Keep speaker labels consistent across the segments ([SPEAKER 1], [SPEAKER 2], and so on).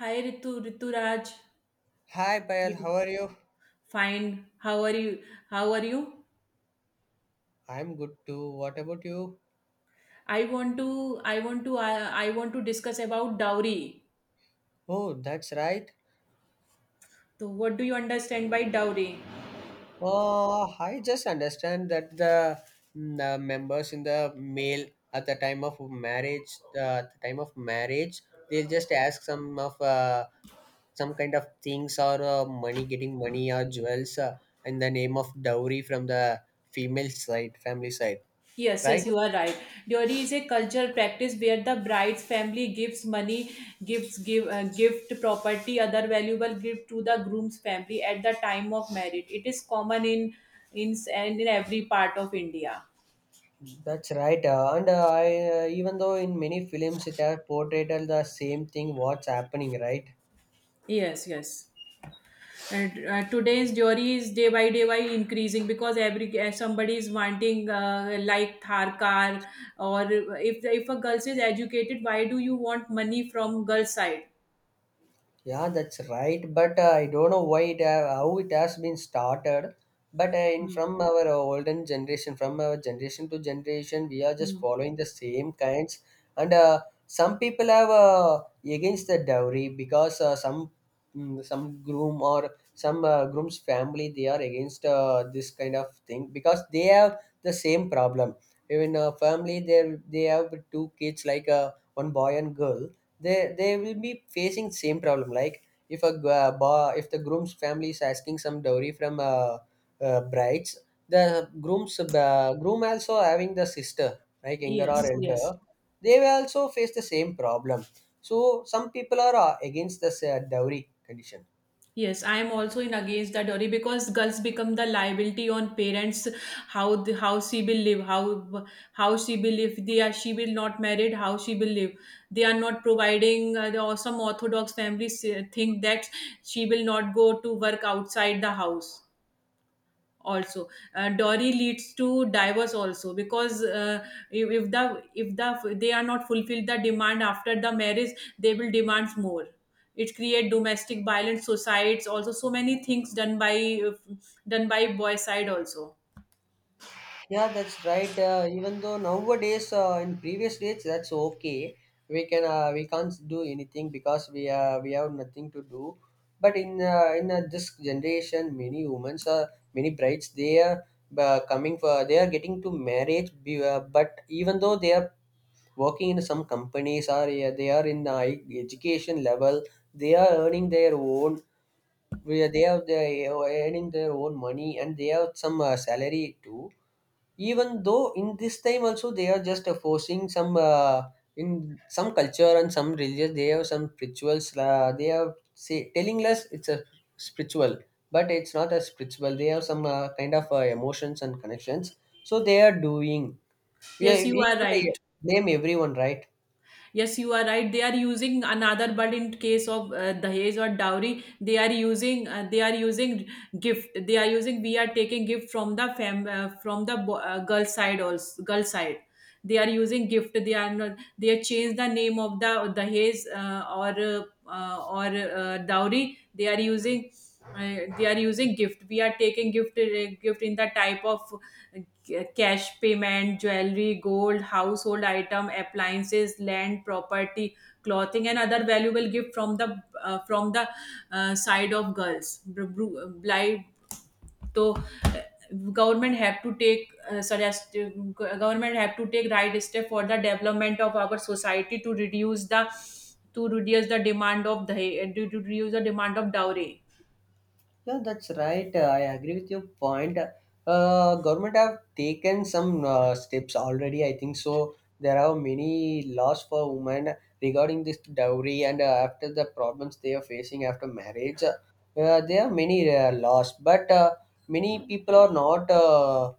[SPEAKER 1] Hi Ritu, Rituraj,
[SPEAKER 2] Hi, Payal.
[SPEAKER 1] Ritu-
[SPEAKER 2] How are you?
[SPEAKER 1] fine. How are you? How are you?
[SPEAKER 2] I'm good too. What about you?
[SPEAKER 1] I want to, I want to, I want to discuss about dowry.
[SPEAKER 2] Oh, that's right.
[SPEAKER 1] So, what do you understand by dowry?
[SPEAKER 2] Oh, I just understand that the members in the mail at the time of at the time of marriage, they'll just ask some of some kind of things or money, getting money or jewels in the name of dowry from the female side, family side,
[SPEAKER 1] Yes, yes,
[SPEAKER 2] right?
[SPEAKER 1] you are right. Dowry is a cultural practice where the bride's family gives money, gives give gift, property, other valuable gift to the groom's family at the time of marriage. It is common in every part of India.
[SPEAKER 2] That's right, and I even though in many films it has portrayed the same thing what's happening, right?
[SPEAKER 1] Yes, yes. And, today's jury is day by day by increasing because every somebody is wanting like Thar car or if a girl is educated, why do you want money from girl side?
[SPEAKER 2] Yeah, that's right. But I don't know how it has been started. But in
[SPEAKER 1] Hmm.
[SPEAKER 2] from our olden generation, from our generation to generation, we are just
[SPEAKER 1] Hmm.
[SPEAKER 2] following the same kinds. And Some people have against the dowry because some groom or some groom's family, they are against this kind of thing because they have the same problem. Even a family, they have two kids like one boy and girl, they will be facing same problem like if if the groom's family is asking some dowry from brides, the groom also having the sister like younger or
[SPEAKER 1] Yes,
[SPEAKER 2] elder,
[SPEAKER 1] yes.
[SPEAKER 2] they will also face the same problem. So some people are against the dowry condition.
[SPEAKER 1] Yes, I am also in against that dowry because girls become the liability on parents. How the, how she will live, how how she will live. They are She will not married. How she will live. They are not providing. Or some orthodox families think that she will not go to work outside the house also. Dowry leads to divorce also because if they are not fulfilled the demand after the marriage, they will demand more. It create domestic violence, suicides also, so many things done by done by boy side also.
[SPEAKER 2] Yeah, that's right. Even though nowadays, in previous days, that's okay. We can't do anything because we have nothing to do. But in this generation, many brides, they are coming for they are getting to marriage. But even though they are working in some companies or they are in the high education level, they are earning their own. They they are earning their own money and they have some salary too. Even though in this time also, they are just forcing some in some culture and some religious, they have some rituals. They are say telling us it's a spiritual, but it's not a spiritual. They have some kind of emotions and connections. So they are doing. We, are,
[SPEAKER 1] Yes, you
[SPEAKER 2] we
[SPEAKER 1] are
[SPEAKER 2] can't
[SPEAKER 1] right.
[SPEAKER 2] uh, blame everyone, right?
[SPEAKER 1] Yes, you are right. They are using another, but in case of dahej or dowry, they are using gift. They are using, we are taking gift from the fam from the girl side also, girl side. They are using gift. They are not. They have changed the name of the dahej or dowry. They are using. They are using gift. We are taking gift in the type of cash payment, jewelry, gold, household item, appliances, land, property, clothing, and other valuable gift from the uh, from the side of girls. Br- bru- Bli- तो Government have to take suggest government have to take right step for the development of our society to reduce the demand of the, to reduce the demand of dowry.
[SPEAKER 2] Yeah, that's right. I agree with your point. Government have taken some steps already, I think so. There are many laws for women regarding this dowry and after the problems they are facing after marriage. There are many laws, but many people are not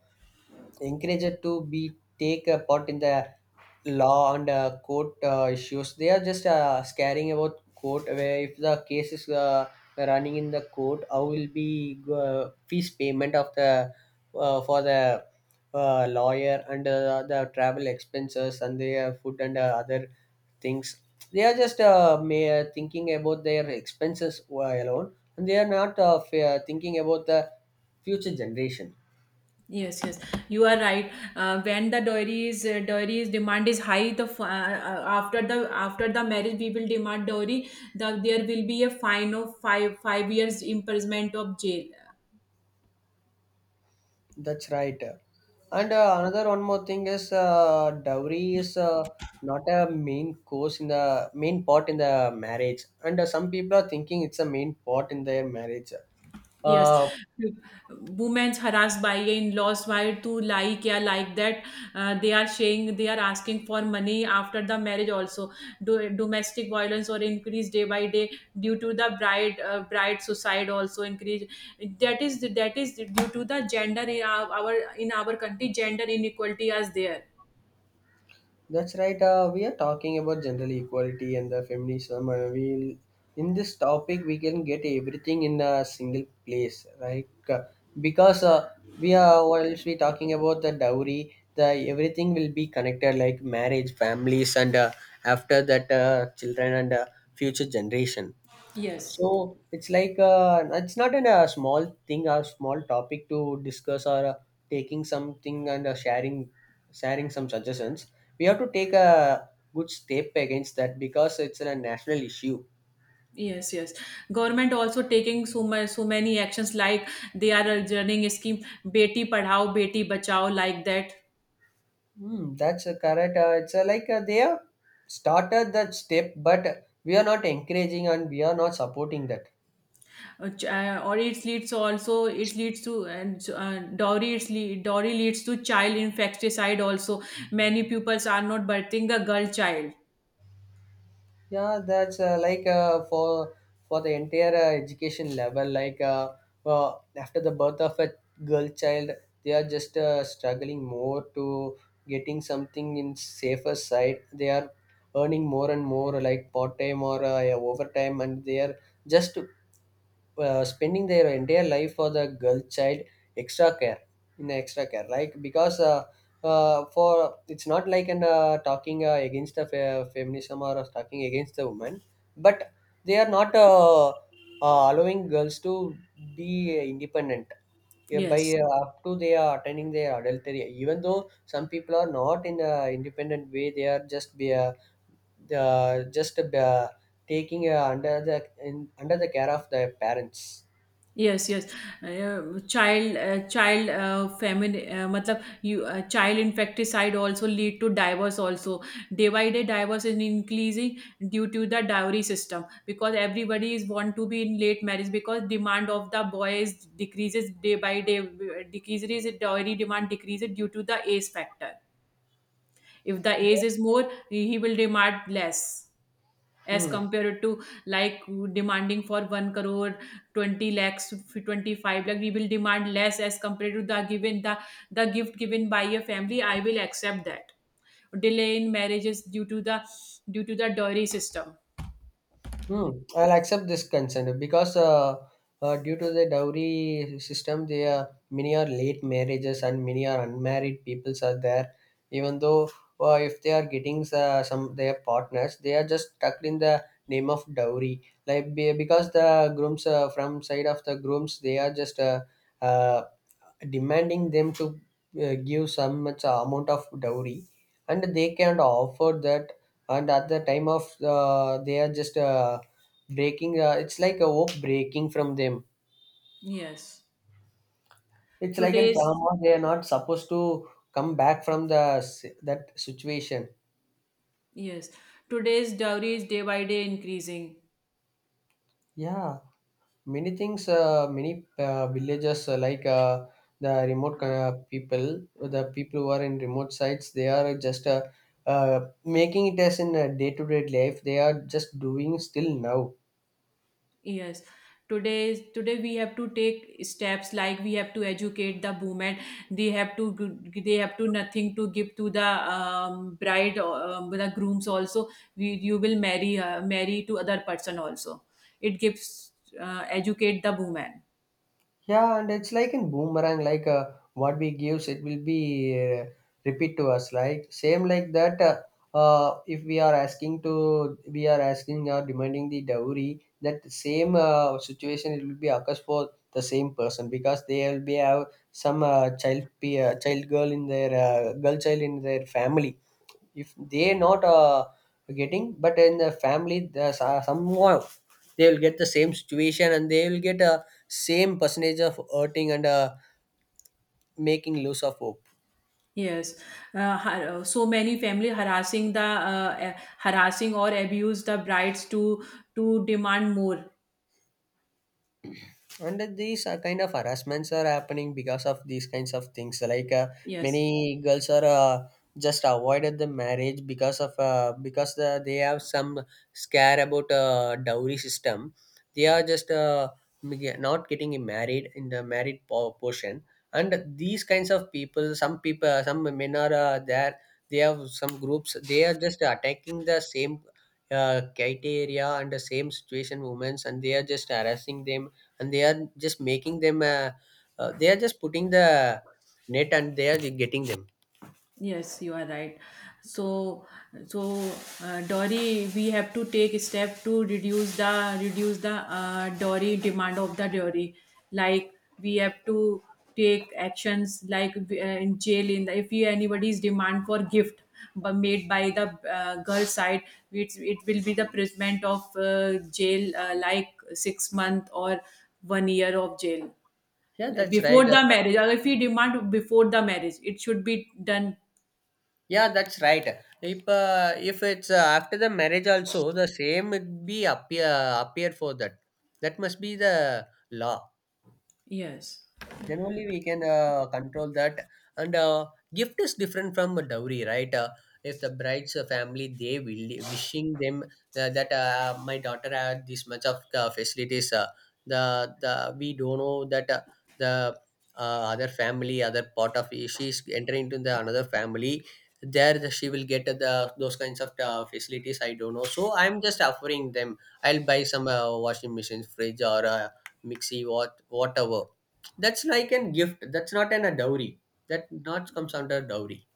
[SPEAKER 2] encouraged to be take a part in the law and court issues. They are just scaring about court, where if the case is running in the court, how will be fees payment of the for the lawyer and the travel expenses and their food and other things. They are just thinking about their expenses alone and they are not thinking about the future generation.
[SPEAKER 1] Yes, yes, you are right. When the dowry's demand is high, after the after the marriage, we will demand dowry. There will be a fine of five years imprisonment of jail.
[SPEAKER 2] That's right. And another one more thing is dowry is not a main course in the main part in the marriage. And some people are thinking it's a main part in their marriage.
[SPEAKER 1] Yes,
[SPEAKER 2] Uh,
[SPEAKER 1] women harassed by your in-laws, why to, like, yeah, like that. They are asking for money after the marriage also. Domestic violence or increase day by day due to the bride suicide also increase. That is due to the gender in our country. Gender inequality is there.
[SPEAKER 2] That's right. We are talking about gender equality and the feminism. We In this topic, we can get everything in a single place, right? Because we are whilst we talking about the dowry, the everything will be connected like marriage, families, and after that children and future generation.
[SPEAKER 1] Yes,
[SPEAKER 2] So it's like it's not in a small thing or small topic to discuss or taking something and sharing some suggestions. We have to take a good step against that because it's a national issue.
[SPEAKER 1] yes, yes. Government also taking so much, so many actions, like they are running a scheme, beti padhao beti bachao, like that.
[SPEAKER 2] Hmm, that's a correct. It's like They have started that step, but we are not encouraging and we are not supporting that.
[SPEAKER 1] Ch- or it leads also It leads to, and dowry it's le- dowry leads to child infanticide also. Many pupils are not birthing a girl child.
[SPEAKER 2] Yeah, that's like for the entire education level like after the birth of a girl child, they are just struggling more to getting something in safer side. They are earning more and more like part time or overtime, and they are just spending their entire life for the girl child extra care, like because for it's not like an talking against the feminism or talking against the woman, but they are not allowing girls to be independent by
[SPEAKER 1] Yes.
[SPEAKER 2] up to they are attaining their adultery. Even though some people are not in a independent way, they are just be the just taking under the under the care of their parents.
[SPEAKER 1] Yes, yes. Child, child, family. I mean, child infanticide also lead to divorce. Also, divided divorce is increasing due to the dowry system, because everybody is want to be in late marriage because demand of the boys decreases day by day. Decreases Dowry demand decreases due to the age factor. If the age
[SPEAKER 2] Yes.
[SPEAKER 1] is more, he will demand less, as
[SPEAKER 2] Hmm.
[SPEAKER 1] compared to, like, demanding for 1 crore 20 lakhs 25 lakh, we will demand less as compared to the given, the gift given by a family, I will accept that. Delay in marriages due to the, due to the dowry system.
[SPEAKER 2] Hmm. I'll accept this consent because due to the dowry system, they are many are late marriages and many are unmarried peoples are there. Even though if they are getting some their partners, they are just stuck in the name of dowry. Because the grooms from side of the grooms, they are just uh, demanding them to give some much amount of dowry, and they can't offer that. And at the time of they are just breaking it's like a hope breaking from them.
[SPEAKER 1] Yes.
[SPEAKER 2] It's like a
[SPEAKER 1] Today's,
[SPEAKER 2] trauma, they are not supposed to come back from that situation.
[SPEAKER 1] yes, today's dowry is day by day increasing.
[SPEAKER 2] Yeah, many things many villages the remote uh, people the people who are in remote sites, they are just uh, making it as in a day-to-day life, they are just doing still now.
[SPEAKER 1] Yes. Today we have to take steps, like we have to educate the women. They have to, they have to nothing to give to the bride or the grooms also. We, you will marry to other person also. It gives, educate the woman.
[SPEAKER 2] Yeah, and it's like in boomerang, like what we gives, it will be repeat to us. Like same like that. If we are asking to, we are asking or demanding the dowry, that same situation, it will be occurs for the same person because they will be have some child, pe- child girl in their girl child in their family. If they not getting, but in the family, somehow they will get the same situation and they will get a same percentage of hurting and making loss of hope.
[SPEAKER 1] Yes, so many family harassing or abuse the brides to demand more.
[SPEAKER 2] And these kind of harassments are happening because of these kinds of things like
[SPEAKER 1] Yes.
[SPEAKER 2] many girls are just avoided the marriage because of because they have some scare about dowry system. They are just not getting married in the portion. And these kinds of people, some people some men are there, they have some groups, they are just attacking the same criteria and the same situation women's, and they are just harassing them and they are just making them they are just putting the net and they are getting them.
[SPEAKER 1] Yes, you are right. So, so, Dory, we have to take step to reduce the Dory, demand of the Dory. Like, we have to take actions like, in jail. In the, if we, anybody's demand for gift but made by the girl side, it will be the punishment of jail, like 6 months or 1 year of jail.
[SPEAKER 2] Yeah,
[SPEAKER 1] Like
[SPEAKER 2] that's right.
[SPEAKER 1] before the marriage, or if we demand before the marriage, it should be done.
[SPEAKER 2] Yeah, that's right. If if it's after the marriage also, the same would be appear appear for that. That must be the law.
[SPEAKER 1] Yes.
[SPEAKER 2] Then only we can control that. And gift is different from a dowry, right? If the bride's family, they will wishing them that my daughter had this much of facilities, the the we don't know that the other family other part of, if she's entering into the another family, there the, she will get the those kinds of facilities, I don't know, so I'm just offering them. I'll buy some washing machines, fridge or mixie, what whatever. That's like a gift. That's not an a dowry. That not comes under dowry.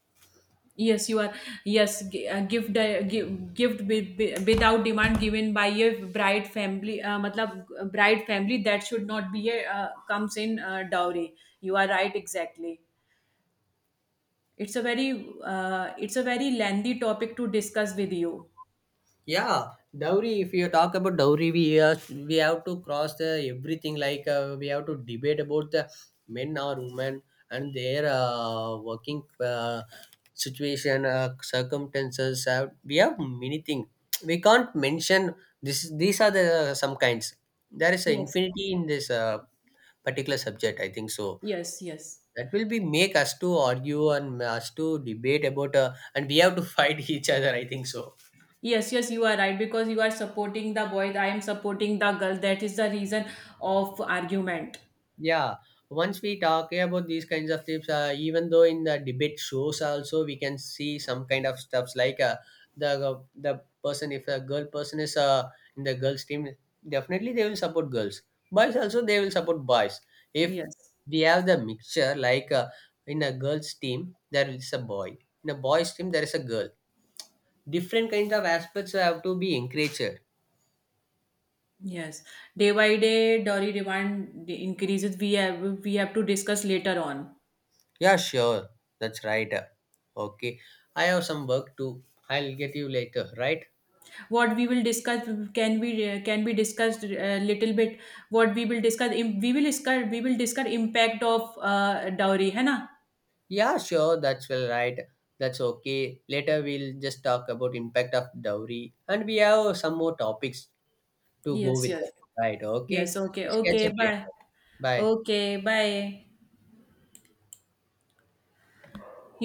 [SPEAKER 1] Yes, you are. Yes, gift without demand given by a bride family. Matlab, bride family, that should not be a, comes in dowry. You are right, exactly. It's a very lengthy topic to discuss with you.
[SPEAKER 2] Yeah, dowry. If you talk about dowry, we have to cross the everything. Like we have to debate about the men or women and their working situation, circumstances. We have many things. We can't mention this. These are the some kinds. There is an
[SPEAKER 1] Yes,
[SPEAKER 2] infinity in this particular subject, I think so.
[SPEAKER 1] yes, yes.
[SPEAKER 2] That will be make us to argue and us to debate about, and we have to fight each other, I think so.
[SPEAKER 1] Yes, yes, you are right, because you are supporting the boy, I am supporting the girl. That is the reason of argument.
[SPEAKER 2] Yeah. Once we talk about these kinds of tips, even though in the debate shows also, we can see some kind of stuffs like the person, if a girl person is in the girls team, definitely they will support girls. Boys also, they will support boys. If
[SPEAKER 1] Yes.
[SPEAKER 2] we have the mixture like in a girls team there is a boy, in a boys team there is a girl, different kinds of aspects have to be encouraged.
[SPEAKER 1] Yes, day by day, dairy demand increases. We have to discuss later on.
[SPEAKER 2] Yeah, sure. That's right. Okay. I have some work to. I'll get you later, right?
[SPEAKER 1] What we will discuss can be discussed a little bit. What we will discuss im- we will discuss impact of dowry, है ना?
[SPEAKER 2] Yeah, sure. That's well right. That's okay. Later we'll just talk about impact of dowry and we have some more topics to go
[SPEAKER 1] Yes,
[SPEAKER 2] with that.
[SPEAKER 1] yes,
[SPEAKER 2] Right.
[SPEAKER 1] yes.
[SPEAKER 2] Okay.
[SPEAKER 1] Okay,
[SPEAKER 2] Let's catch
[SPEAKER 1] okay.
[SPEAKER 2] up later.
[SPEAKER 1] Bye.
[SPEAKER 2] Bye.
[SPEAKER 1] Okay, bye. You.